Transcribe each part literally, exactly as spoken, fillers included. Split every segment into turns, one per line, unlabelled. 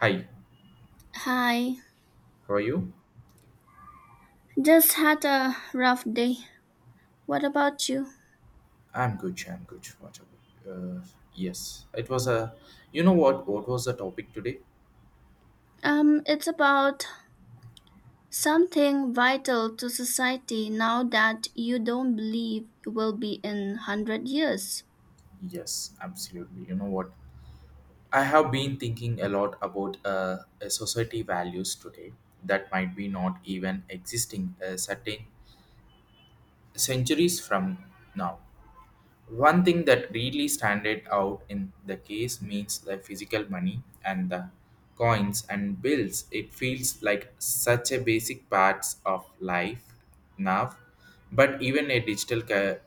Hi,
Hi,
how are you?
just had a rough day. What about you?
I'm good. I'm good. What about? Uh, Yes, it was a. You know what? What was the topic today?
Um, it's about something vital to society now that you don't believe will be in one hundred years.
Yes, absolutely. You know what? I have been thinking a lot about uh, a society values today that might be not even existing a certain centuries from now. One thing that really standed out in the case means the physical money and the coins and bills. It feels like such a basic parts of life now, but even a digital cu-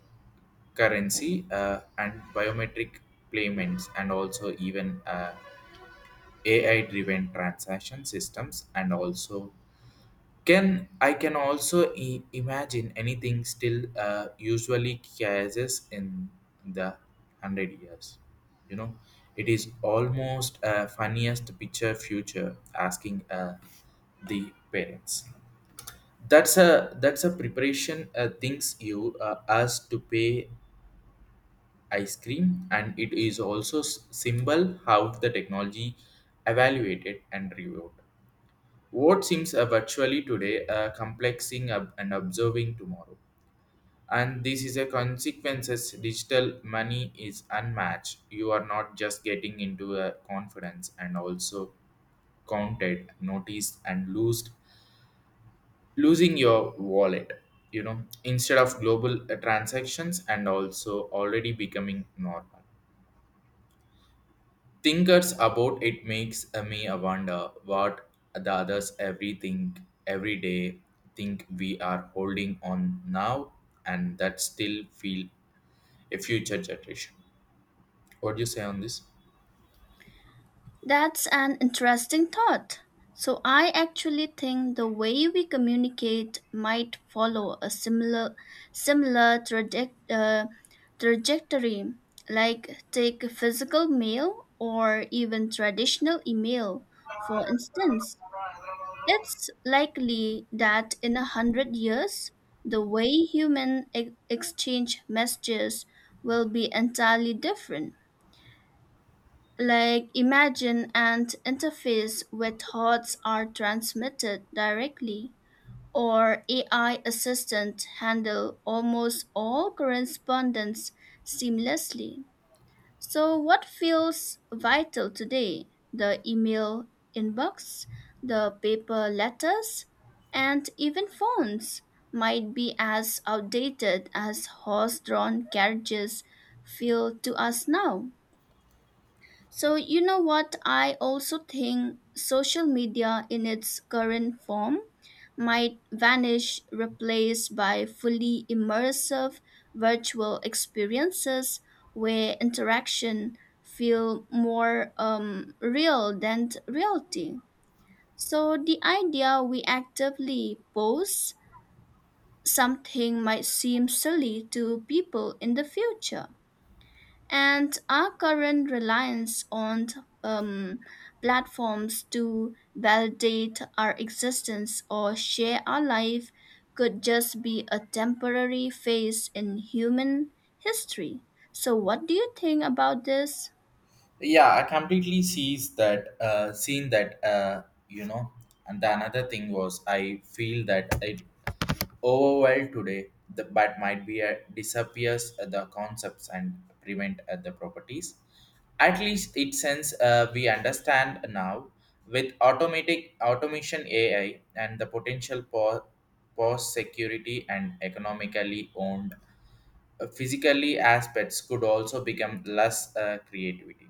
currency uh, and biometric payments and also even uh, A I-driven transaction systems and also can I can also i- imagine anything still uh, usually cases in the hundred years. You know, it is almost a funniest picture future asking uh, the parents. That's a that's a preparation uh, things you uh, us to pay ice cream, and it is also s- symbol how the technology evaluated and reward. What seems uh, virtually today, uh, complexing up and observing tomorrow. And this is a consequences digital money is unmatched. You are not just getting into a confidence and also counted, noticed and loosed, losing your wallet, you know, instead of global uh, transactions and also already becoming normal. Thinkers about it makes me wonder what the others everything every day think we are holding on now and that still feel a future generation. What do you say on this?
That's an interesting thought. So I actually think the way we communicate might follow a similar, similar traje- uh, trajectory, like take physical mail or even traditional email, for instance. It's likely that in a hundred years, the way human e- exchange messages will be entirely different. Like, imagine an interface where thoughts are transmitted directly, or A I assistant handle almost all correspondence seamlessly. So, what feels vital today? The email inbox, the paper letters, and even phones might be as outdated as horse drawn carriages feel to us now. So, you know what? I also think social media in its current form might vanish, replaced by fully immersive virtual experiences where interaction feel more um, real than reality. So the idea we actively post something might seem silly to people in the future. And our current reliance on um, platforms to validate our existence or share our life could just be a temporary phase in human history. So what do you think about this?
Yeah, I completely sees that uh, seen that uh, you know and the another thing was I feel that it overwhelmed today, the, but might be a, disappears uh, the concepts and prevent uh, the properties. At least it since uh, we understand now with automatic automation A I and the potential for post security and economically owned uh, physically aspects could also become less uh, creativity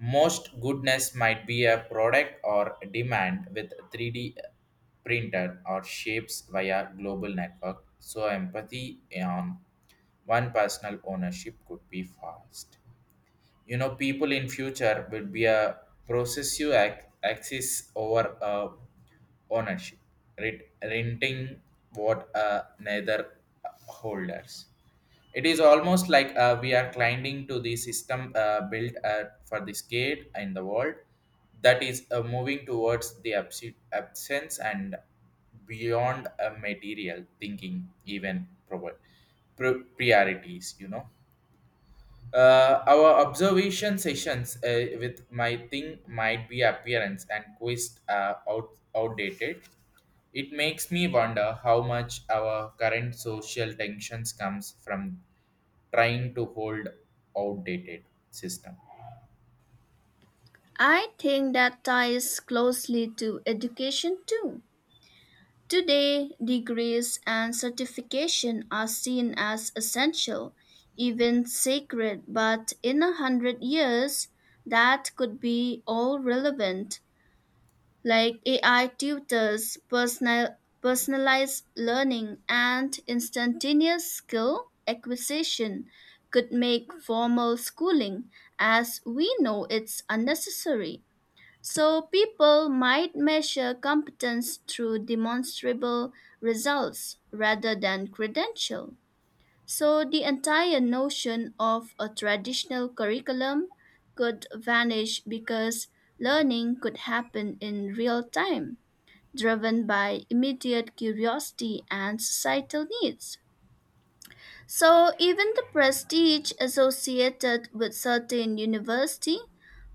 most goodness might be a product or demand with three D printed or shapes via global network. So empathy on one personal ownership could be fast. You know, people in future will be a processive ac- axis over uh, ownership, rent- renting what uh, neither uh, holders. It is almost like uh, we are climbing to the system uh, built uh, for the skate in the world that is uh, moving towards the abs- absence and beyond a material thinking, even provo- pr- priorities, you know. Uh, our observation sessions uh, with my thing might be appearance and quest uh, out- outdated. It makes me wonder how much our current social tensions comes from trying to hold outdated system.
I think that ties closely to education too. Today, degrees and certification are seen as essential, even sacred, but in a hundred years, that could be all relevant, like A I tutors, personal, personalized learning, and instantaneous skill acquisition could make formal schooling as we know it's unnecessary. So people might measure competence through demonstrable results rather than credential. So the entire notion of a traditional curriculum could vanish because learning could happen in real time, driven by immediate curiosity and societal needs. So even the prestige associated with certain university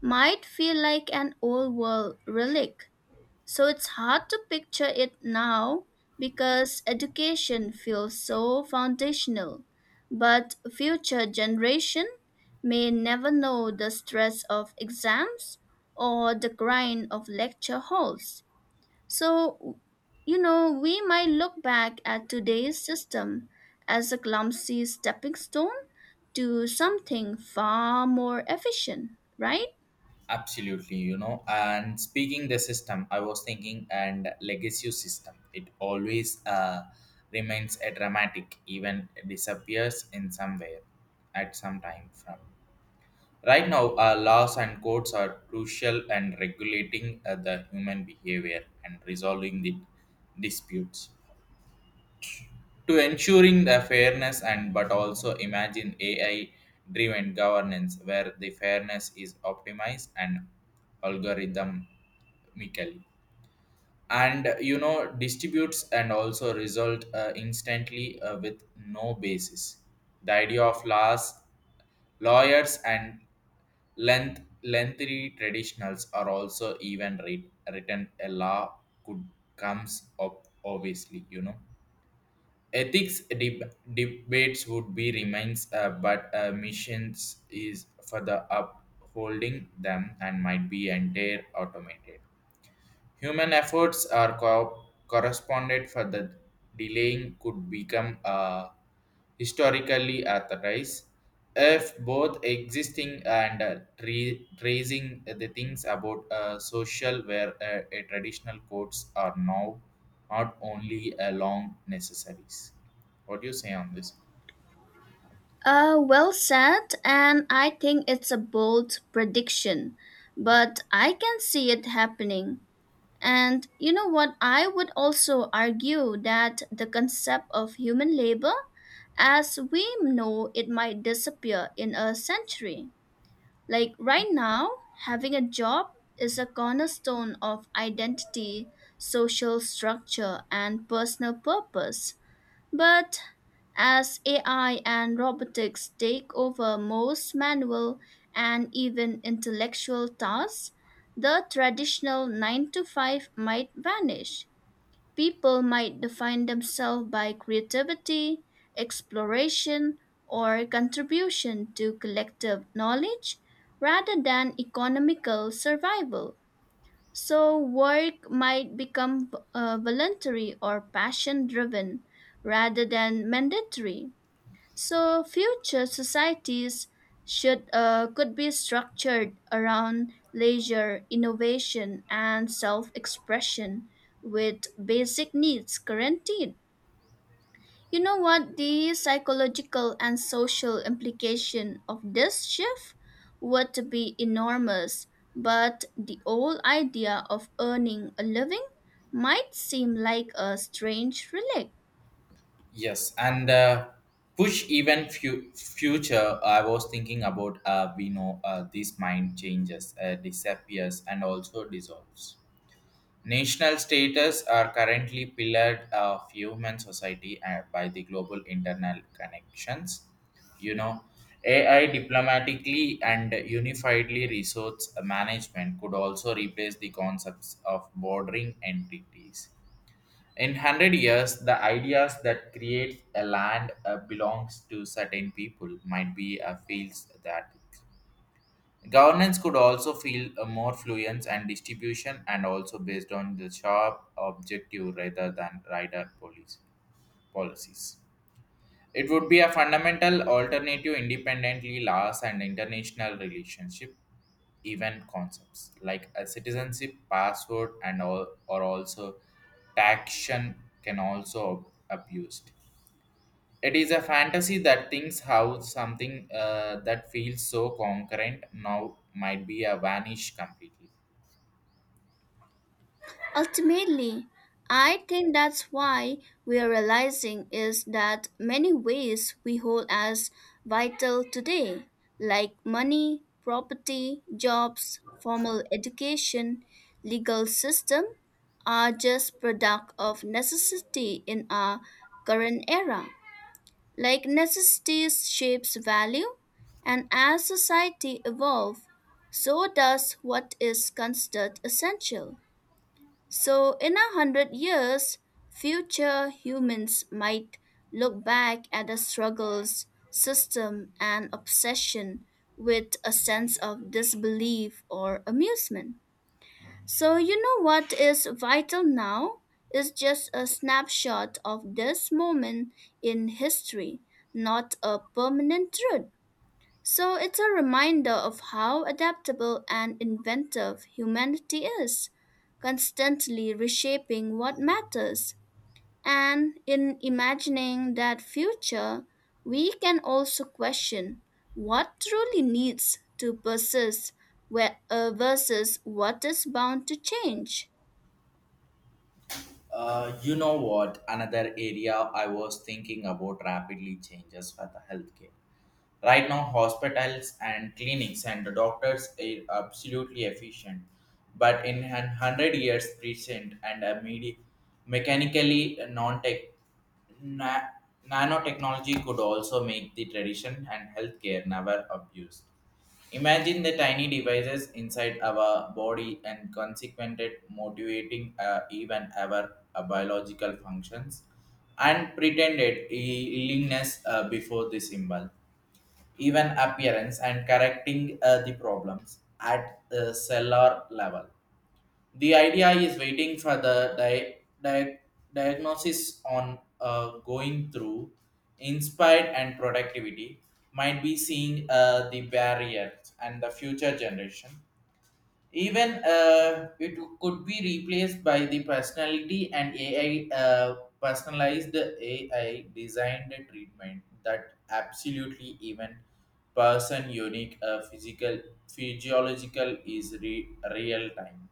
might feel like an old world relic, so it's hard to picture it now because education feels so foundational, but future generation may never know the stress of exams or the grind of lecture halls. So, you know, we might look back at today's system as a clumsy stepping stone to something far more efficient, right?
Absolutely, you know. And speaking the system, I was thinking and legacy system. It always uh, remains a dramatic, even disappears in somewhere at some time from. Right now, uh, laws and courts are crucial and regulating uh, the human behavior and resolving the disputes, to ensuring the fairness and but also imagine A I driven governance where the fairness is optimized and algorithmically and you know distributes and also result uh, instantly uh, with no basis. The idea of laws lawyers and length lengthy traditionals are also even writ- written a law could comes up obviously, you know. Ethics deb- debates would be remains, uh, but uh, missions is for the upholding them and might be entire automated. Human efforts are co- corresponded for the delaying could become uh, historically authorized if both existing and uh, re- raising the things about uh, social where uh, a traditional courts are now not only along necessaries. What do you say on this?
Uh, well said, and I think it's a bold prediction, but I can see it happening. And you know what? I would also argue that the concept of human labor, as we know it, might disappear in a century. Like right now, having a job is a cornerstone of identity, social structure, and personal purpose. But as A I and robotics take over most manual and even intellectual tasks, the traditional nine to five might vanish. People might define themselves by creativity, exploration, or contribution to collective knowledge rather than economical survival. So work might become uh, voluntary or passion driven rather than mandatory. So future societies should uh, could be structured around leisure, innovation, and self expression with basic needs guaranteed. You know what, the psychological and social implication of this shift would be enormous, but the old idea of earning a living might seem like a strange relic.
Yes, and uh, push even fu- future. I was thinking about uh, we know uh, this mind changes, uh, disappears, and also dissolves. National status are currently pillared of human society uh, by the global internal connections. You know, A I diplomatically and unifiedly resource management could also replace the concepts of bordering entities in one hundred years. The ideas that create a land uh, belongs to certain people might be uh, fields that governance could also feel a more fluence and distribution and also based on the sharp objective rather than rider policy policies. It would be a fundamental alternative independently laws and international relationship, even concepts like a citizenship password and all or also taxation can also ab- abused. It is a fantasy that thinks how something uh, that feels so concurrent now might be a vanish completely.
Ultimately, I think that's why we are realizing is that many ways we hold as vital today, like money, property, jobs, formal education, legal system, are just product of necessity in our current era. Like necessity shapes value, and as society evolves, so does what is considered essential. So in a hundred years, future humans might look back at the struggles, system, and obsession with a sense of disbelief or amusement. So you know what is vital now is just a snapshot of this moment in history, not a permanent truth. So it's a reminder of how adaptable and inventive humanity is, constantly reshaping what matters. And in imagining that future, we can also question what truly needs to persist where- uh, versus what is bound to change.
Uh, you know what? Another area I was thinking about rapidly changes for the healthcare. Right now, hospitals and clinics and the doctors are absolutely efficient, but in one hundred years present and a medi- mechanically non-tech na- nanotechnology could also make the tradition and healthcare never abused. Imagine the tiny devices inside our body and consequented motivating uh, even our uh, biological functions and pretended i- illness uh, before the symbol even appearance and correcting uh, the problems at the cellular level. The idea is waiting for the di- di- diagnosis on uh, going through inspired and productivity might be seeing uh, the barriers and the future generation. Even uh, it could be replaced by the personality and A I uh, personalized A I designed treatment that absolutely even person unique uh, physical physiological is re- real time.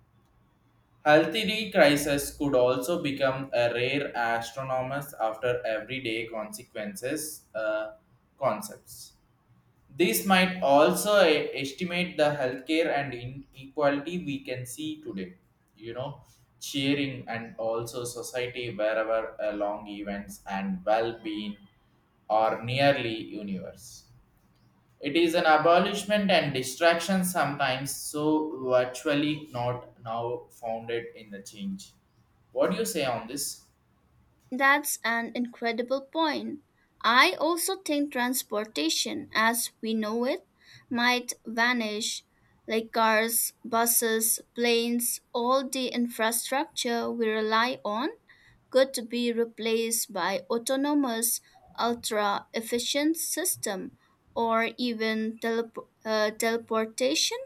Healthy crisis could also become a rare astronomers after everyday consequences uh, concepts. This might also e- estimate the healthcare and inequality we can see today. You know, cheering and also society wherever along events and well-being are nearly universe. It is an abolishment and distraction sometimes, so virtually not now founded in the change. What do you say on this?
That's an incredible point. I also think transportation as we know it might vanish, like cars, buses, planes, all the infrastructure we rely on could be replaced by autonomous ultra efficient system or even telep- uh, teleportation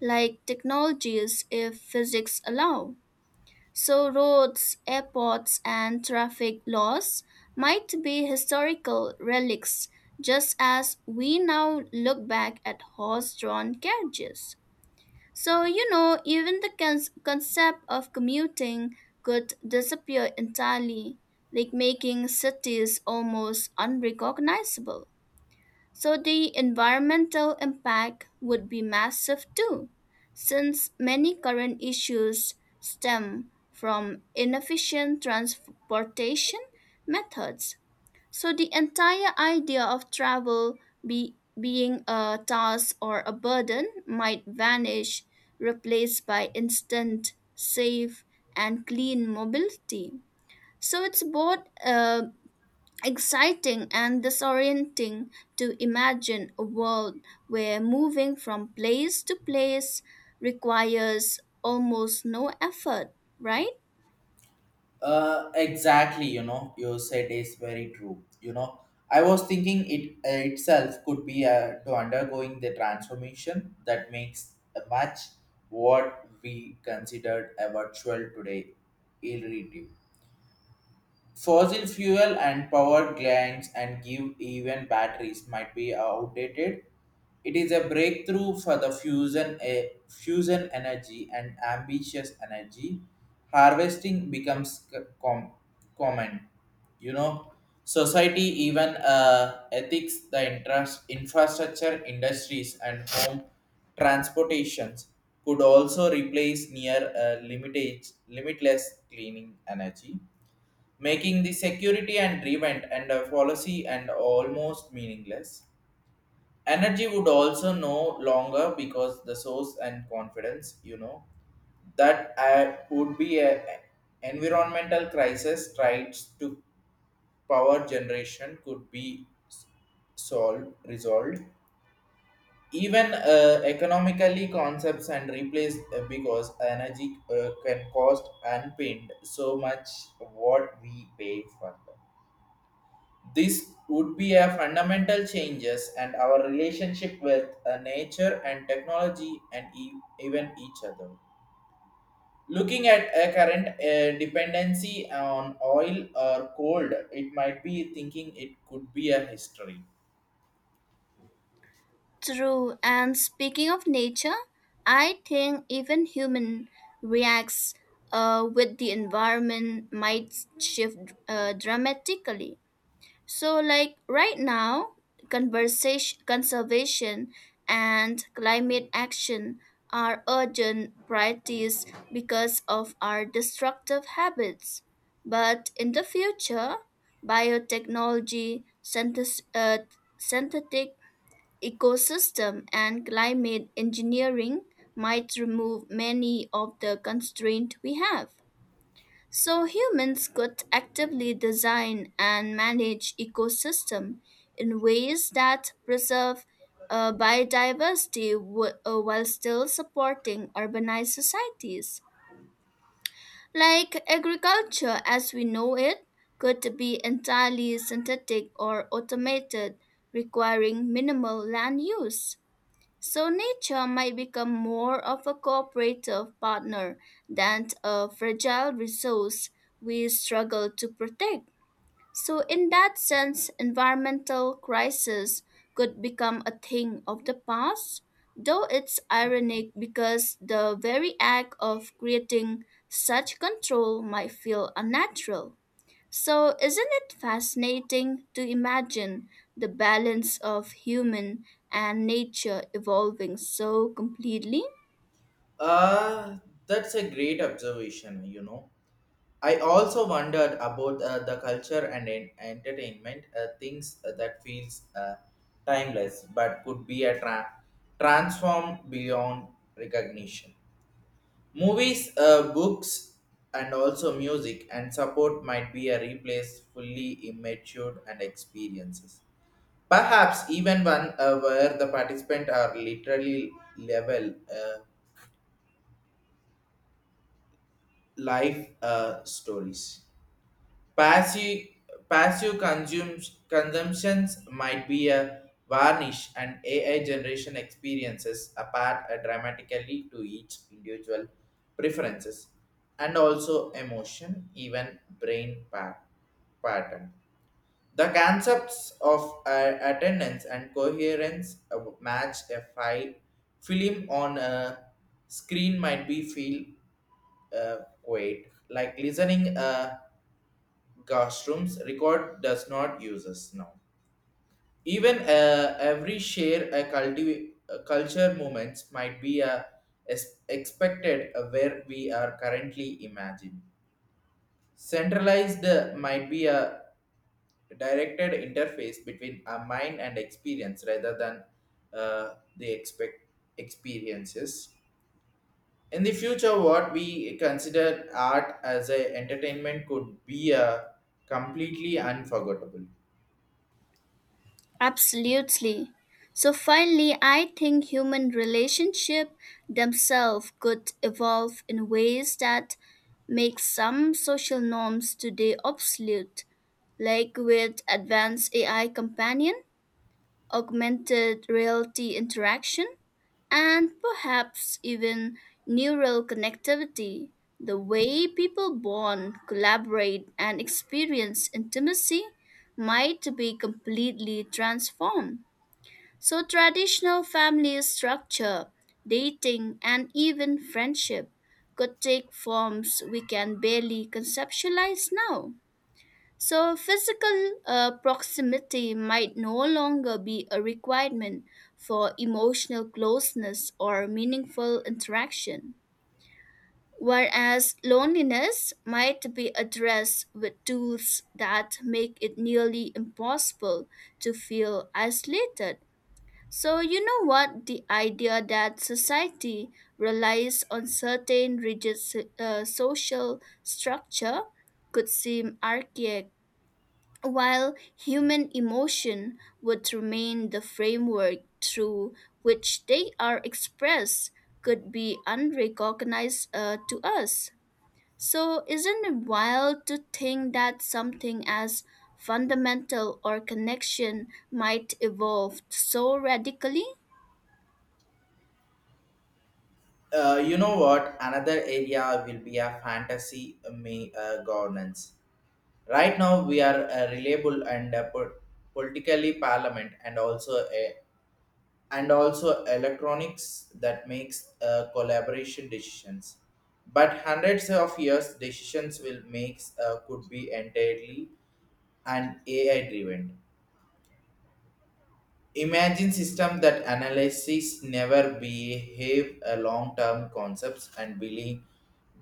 like technologies if physics allow. So roads, airports, and traffic laws might be historical relics, just as we now look back at horse drawn carriages. So, you know, even the cons- concept of commuting could disappear entirely, like making cities almost unrecognizable. So the environmental impact would be massive too, since many current issues stem from inefficient transportation methods. So the entire idea of travel be, being a task or a burden might vanish, replaced by instant, safe, and clean mobility. So it's both uh, exciting and disorienting to imagine a world where moving from place to place requires almost no effort, right?
Uh, exactly, you know, You said is very true. You know, I was thinking it uh, itself could be uh, to undergoing the transformation that makes a much what we considered a virtual today irritative. Fossil fuel and power plants and give even batteries might be outdated. It is a breakthrough for the fusion, eh, fusion energy and ambitious energy. Harvesting becomes c- com- common. You know, society even uh, ethics, the interest, infrastructure, industries, and home transportations could also replace near uh, limitage, limitless cleaning energy, making the security and revent and uh, policy and almost meaningless. Energy would also no longer because the source and confidence, you know, that uh, would be a environmental crisis tries to power generation could be s- solved resolved, even uh, economically concepts and replaced uh, because energy uh, can cost and paint so much what we pay for them. This would be a fundamental changes and our relationship with uh, nature and technology and e- even each other. Looking at a current uh, dependency on oil or coal, it might be thinking it could be a history.
True. And speaking of nature, I think even human reacts uh, with the environment might shift uh, dramatically. So, like right now, conversation, conservation and climate action are urgent priorities because of our destructive habits. But in the future, biotechnology, synthes- uh, synthetic ecosystem, and climate engineering might remove many of the constraints we have. So humans could actively design and manage ecosystem in ways that preserve uh, biodiversity w- uh, while still supporting urbanized societies. Like agriculture as we know it could be entirely synthetic or automated, requiring minimal land use. So nature might become more of a cooperative partner than a fragile resource we struggle to protect. So in that sense, environmental crisis could become a thing of the past, though it's ironic because the very act of creating such control might feel unnatural. So isn't it fascinating to imagine the balance of human and nature evolving so completely?
Ah, that's a great observation, you know. I also wondered about uh, the culture and en- entertainment uh, things that feels uh, timeless but could be a tra- transform beyond recognition. Movies, uh, books, and also music and support might be a replace fully immature and experiences. Perhaps even one uh, where the participant are literally level uh, life uh, stories. Passive, passive consumes, consumptions might be a varnish and A I generation experiences apart uh, dramatically to each individual preferences and also emotion, even brain pa- pattern. The concepts of uh, attendance and coherence uh, match a file film on a screen might be feel uh, quiet like listening uh, classrooms record does not use us now. Even uh, every share a culti- a culture moments might be a, is expected uh, where we are currently imagined centralized uh, might be a directed interface between a mind and experience rather than uh, the expect experiences in the future. What we consider art as a entertainment could be a completely unforgettable.
Absolutely. So finally, I think human relationship themselves could evolve in ways that make some social norms today obsolete, like with advanced A I companion augmented reality interaction, and perhaps even neural connectivity, the way people bond, collaborate, and experience intimacy might be completely transformed. So traditional family structure, dating, and even friendship could take forms we can barely conceptualize now. So physical uh, proximity might no longer be a requirement for emotional closeness or meaningful interaction, whereas loneliness might be addressed with tools that make it nearly impossible to feel isolated. So, you know what? The idea that society relies on certain rigid so- uh, social structure could seem archaic while human emotion would remain the framework through which they are expressed, could be unrecognized uh, to us. So isn't it wild to think that something as fundamental or connection might evolve so radically?
Uh, you know what? Another area will be a fantasy uh, me uh, governance. Right now, we are uh, reliable and uh, po- politically parliament, and also a, and also electronics that makes uh, collaboration decisions. But hundreds of years decisions will makes uh, could be entirely and A I driven. Imagine system that analysis never behave a long-term concepts and billi-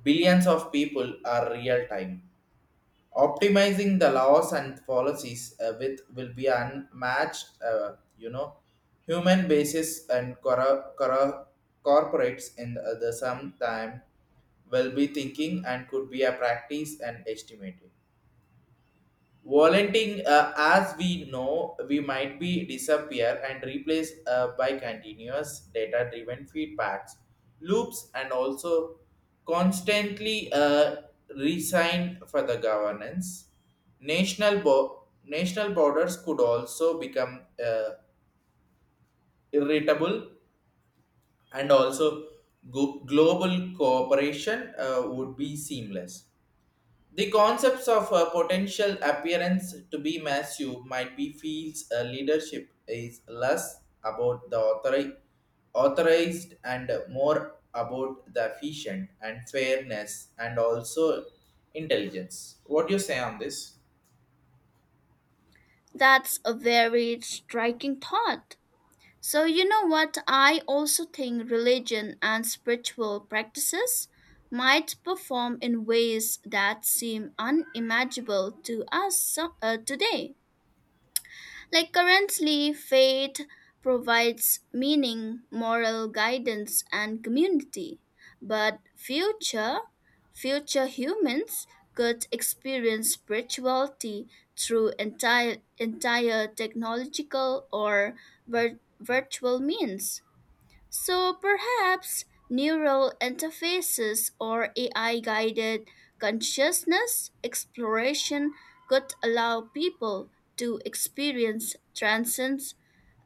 billions of people are real time. Optimizing the laws and policies uh, with will be unmatched, uh, you know, Human basis and cor- cor- corporates in the, the same time will be thinking and could be a practice and estimated. Volunteering, uh, as we know, we might be disappear and replaced uh, by continuous data-driven feedbacks, loops, and also constantly uh, resign for the governance. National bo- national borders could also become uh, irritable, and also go- global cooperation uh, would be seamless. The concepts of a potential appearance to be massive might be feels a leadership is less about the authori- authorized and more about the efficient and fairness and also intelligence. What do you say on this?
That's a very striking thought. So, you know what? I also think religion and spiritual practices might perform in ways that seem unimaginable to us so- uh, today. Like currently, faith provides meaning, moral guidance, and community. But future, future humans could experience spirituality through entire, entire technological or vir- virtual means. So perhaps neural interfaces or A I guided consciousness exploration could allow people to experience transcendence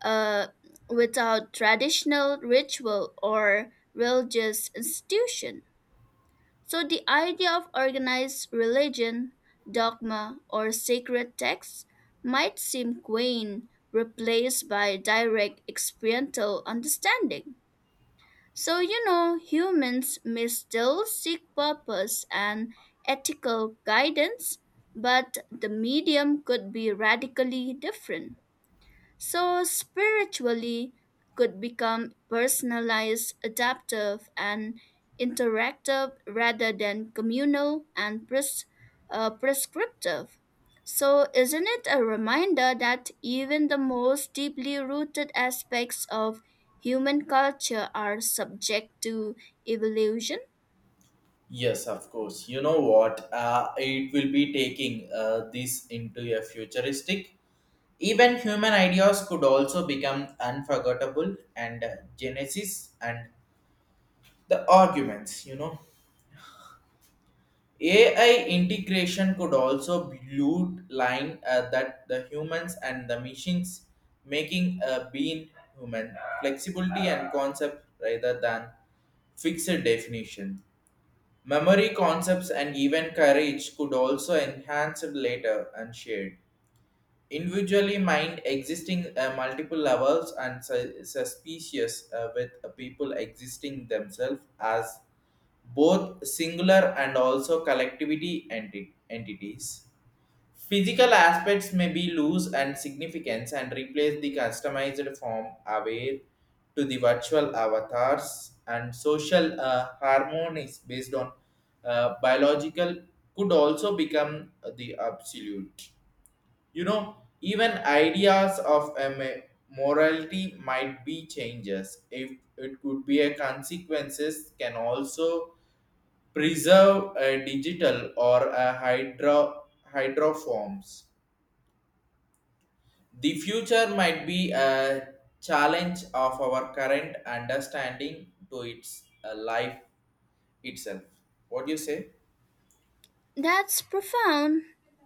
uh, without traditional ritual or religious institution. So the idea of organized religion, dogma, or sacred texts might seem quaint, replaced by direct experiential understanding. So, you know, humans may still seek purpose and ethical guidance, but the medium could be radically different. So spiritually could become personalized, adaptive, and interactive rather than communal and pres- uh, prescriptive. So isn't it a reminder that even the most deeply rooted aspects of human culture are subject to evolution?
Yes, of course. You know what? Uh, it will be taking uh, this into a futuristic. Even human ideas could also become unforgettable and uh, genesis and the arguments you know AI integration could also blue line uh, that the humans and the machines, making a being human flexibility and concept rather than fixed definition. Memory concepts and even courage could also enhance it later and shared individually mind existing uh, multiple levels and su- suspicious uh, with uh, people existing themselves as both singular and also collectivity enti- entities. Physical aspects may be loose and significance and replace the customized form aware to the virtual avatars and social uh, harmonies based on uh, biological could also become the absolute. You know, even ideas of a ma- morality might be changes. If it could be a consequences, can also preserve a digital or a hydro hydroforms. The future might be a challenge of our current understanding to its uh, life itself. What do you say?
That's profound.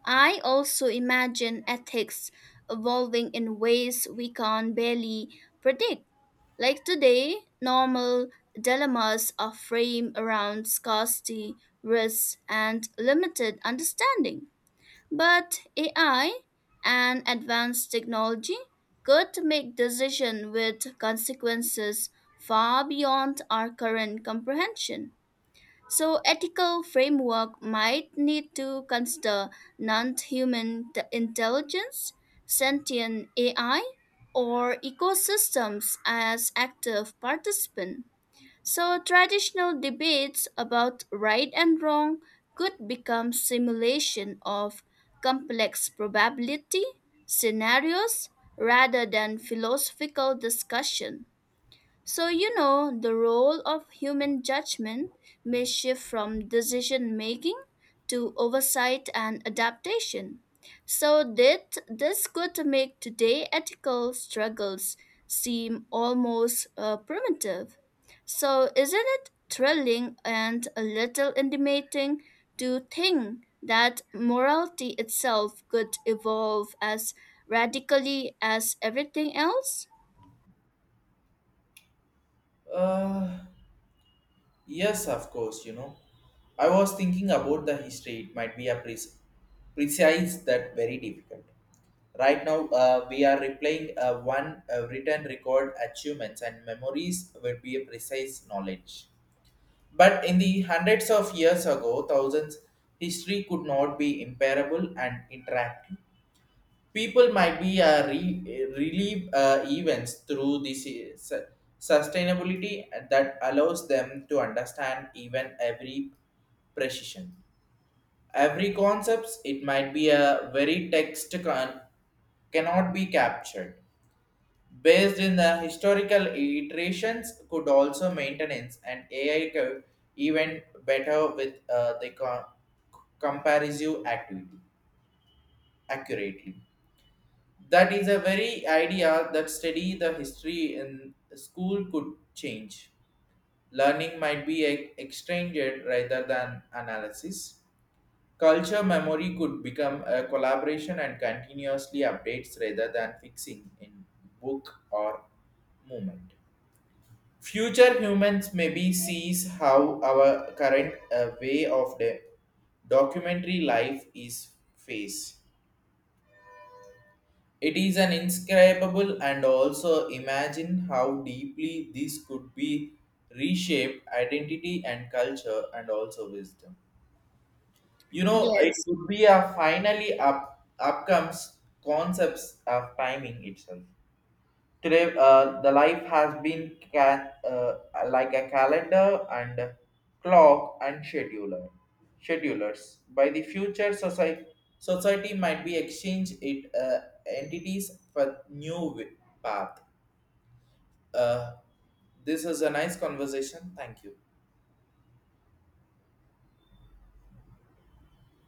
I also imagine ethics evolving in ways we can barely predict. Like today, normal dilemmas are framed around scarcity, risk, and limited understanding. But A I and advanced technology could make decisions with consequences far beyond our current comprehension. So ethical framework might need to consider non-human t- intelligence, sentient A I, or ecosystems as active participants. So traditional debates about right and wrong could become simulation of complex probability scenarios rather than philosophical discussion. So, you know, the role of human judgment may shift from decision making to oversight and adaptation. So that this could make today ethical struggles seem almost uh, primitive. So isn't it thrilling and a little intimidating to think that morality itself could evolve as radically as everything else?
Uh, Yes, of course, you know. I was thinking about the history. It might be a pres- precise that very difficult. Right now, uh, we are replaying uh, one uh, written record achievements and memories would be a precise knowledge. But in the hundreds of years ago, thousands, history could not be imparable and interactive. People might be uh, re- relieve uh, events through this uh, sustainability that allows them to understand even every precision. Every concepts, it might be a very text con- cannot be captured. Based in the historical iterations, could also maintenance and A I co- even better with uh, the co- comparative activity accurately. That is a very idea that study the history in school could change. Learning might be e- exchanged rather than analysis. Culture memory could become a collaboration and continuously updates rather than fixing in book or movement. Future humans maybe sees how our current uh, way of the documentary life is face. It is an inscribable and also imagine how deeply this could be reshaped identity and culture and also wisdom. You know, it
Yes.
could be a finally up upcomes concepts of timing itself. Today, uh, the life has been ca- uh, like a calendar and clock and scheduler, schedulers. By the future, society society might be exchange it uh, entities for new wi- path. Uh, this is a nice conversation. Thank you.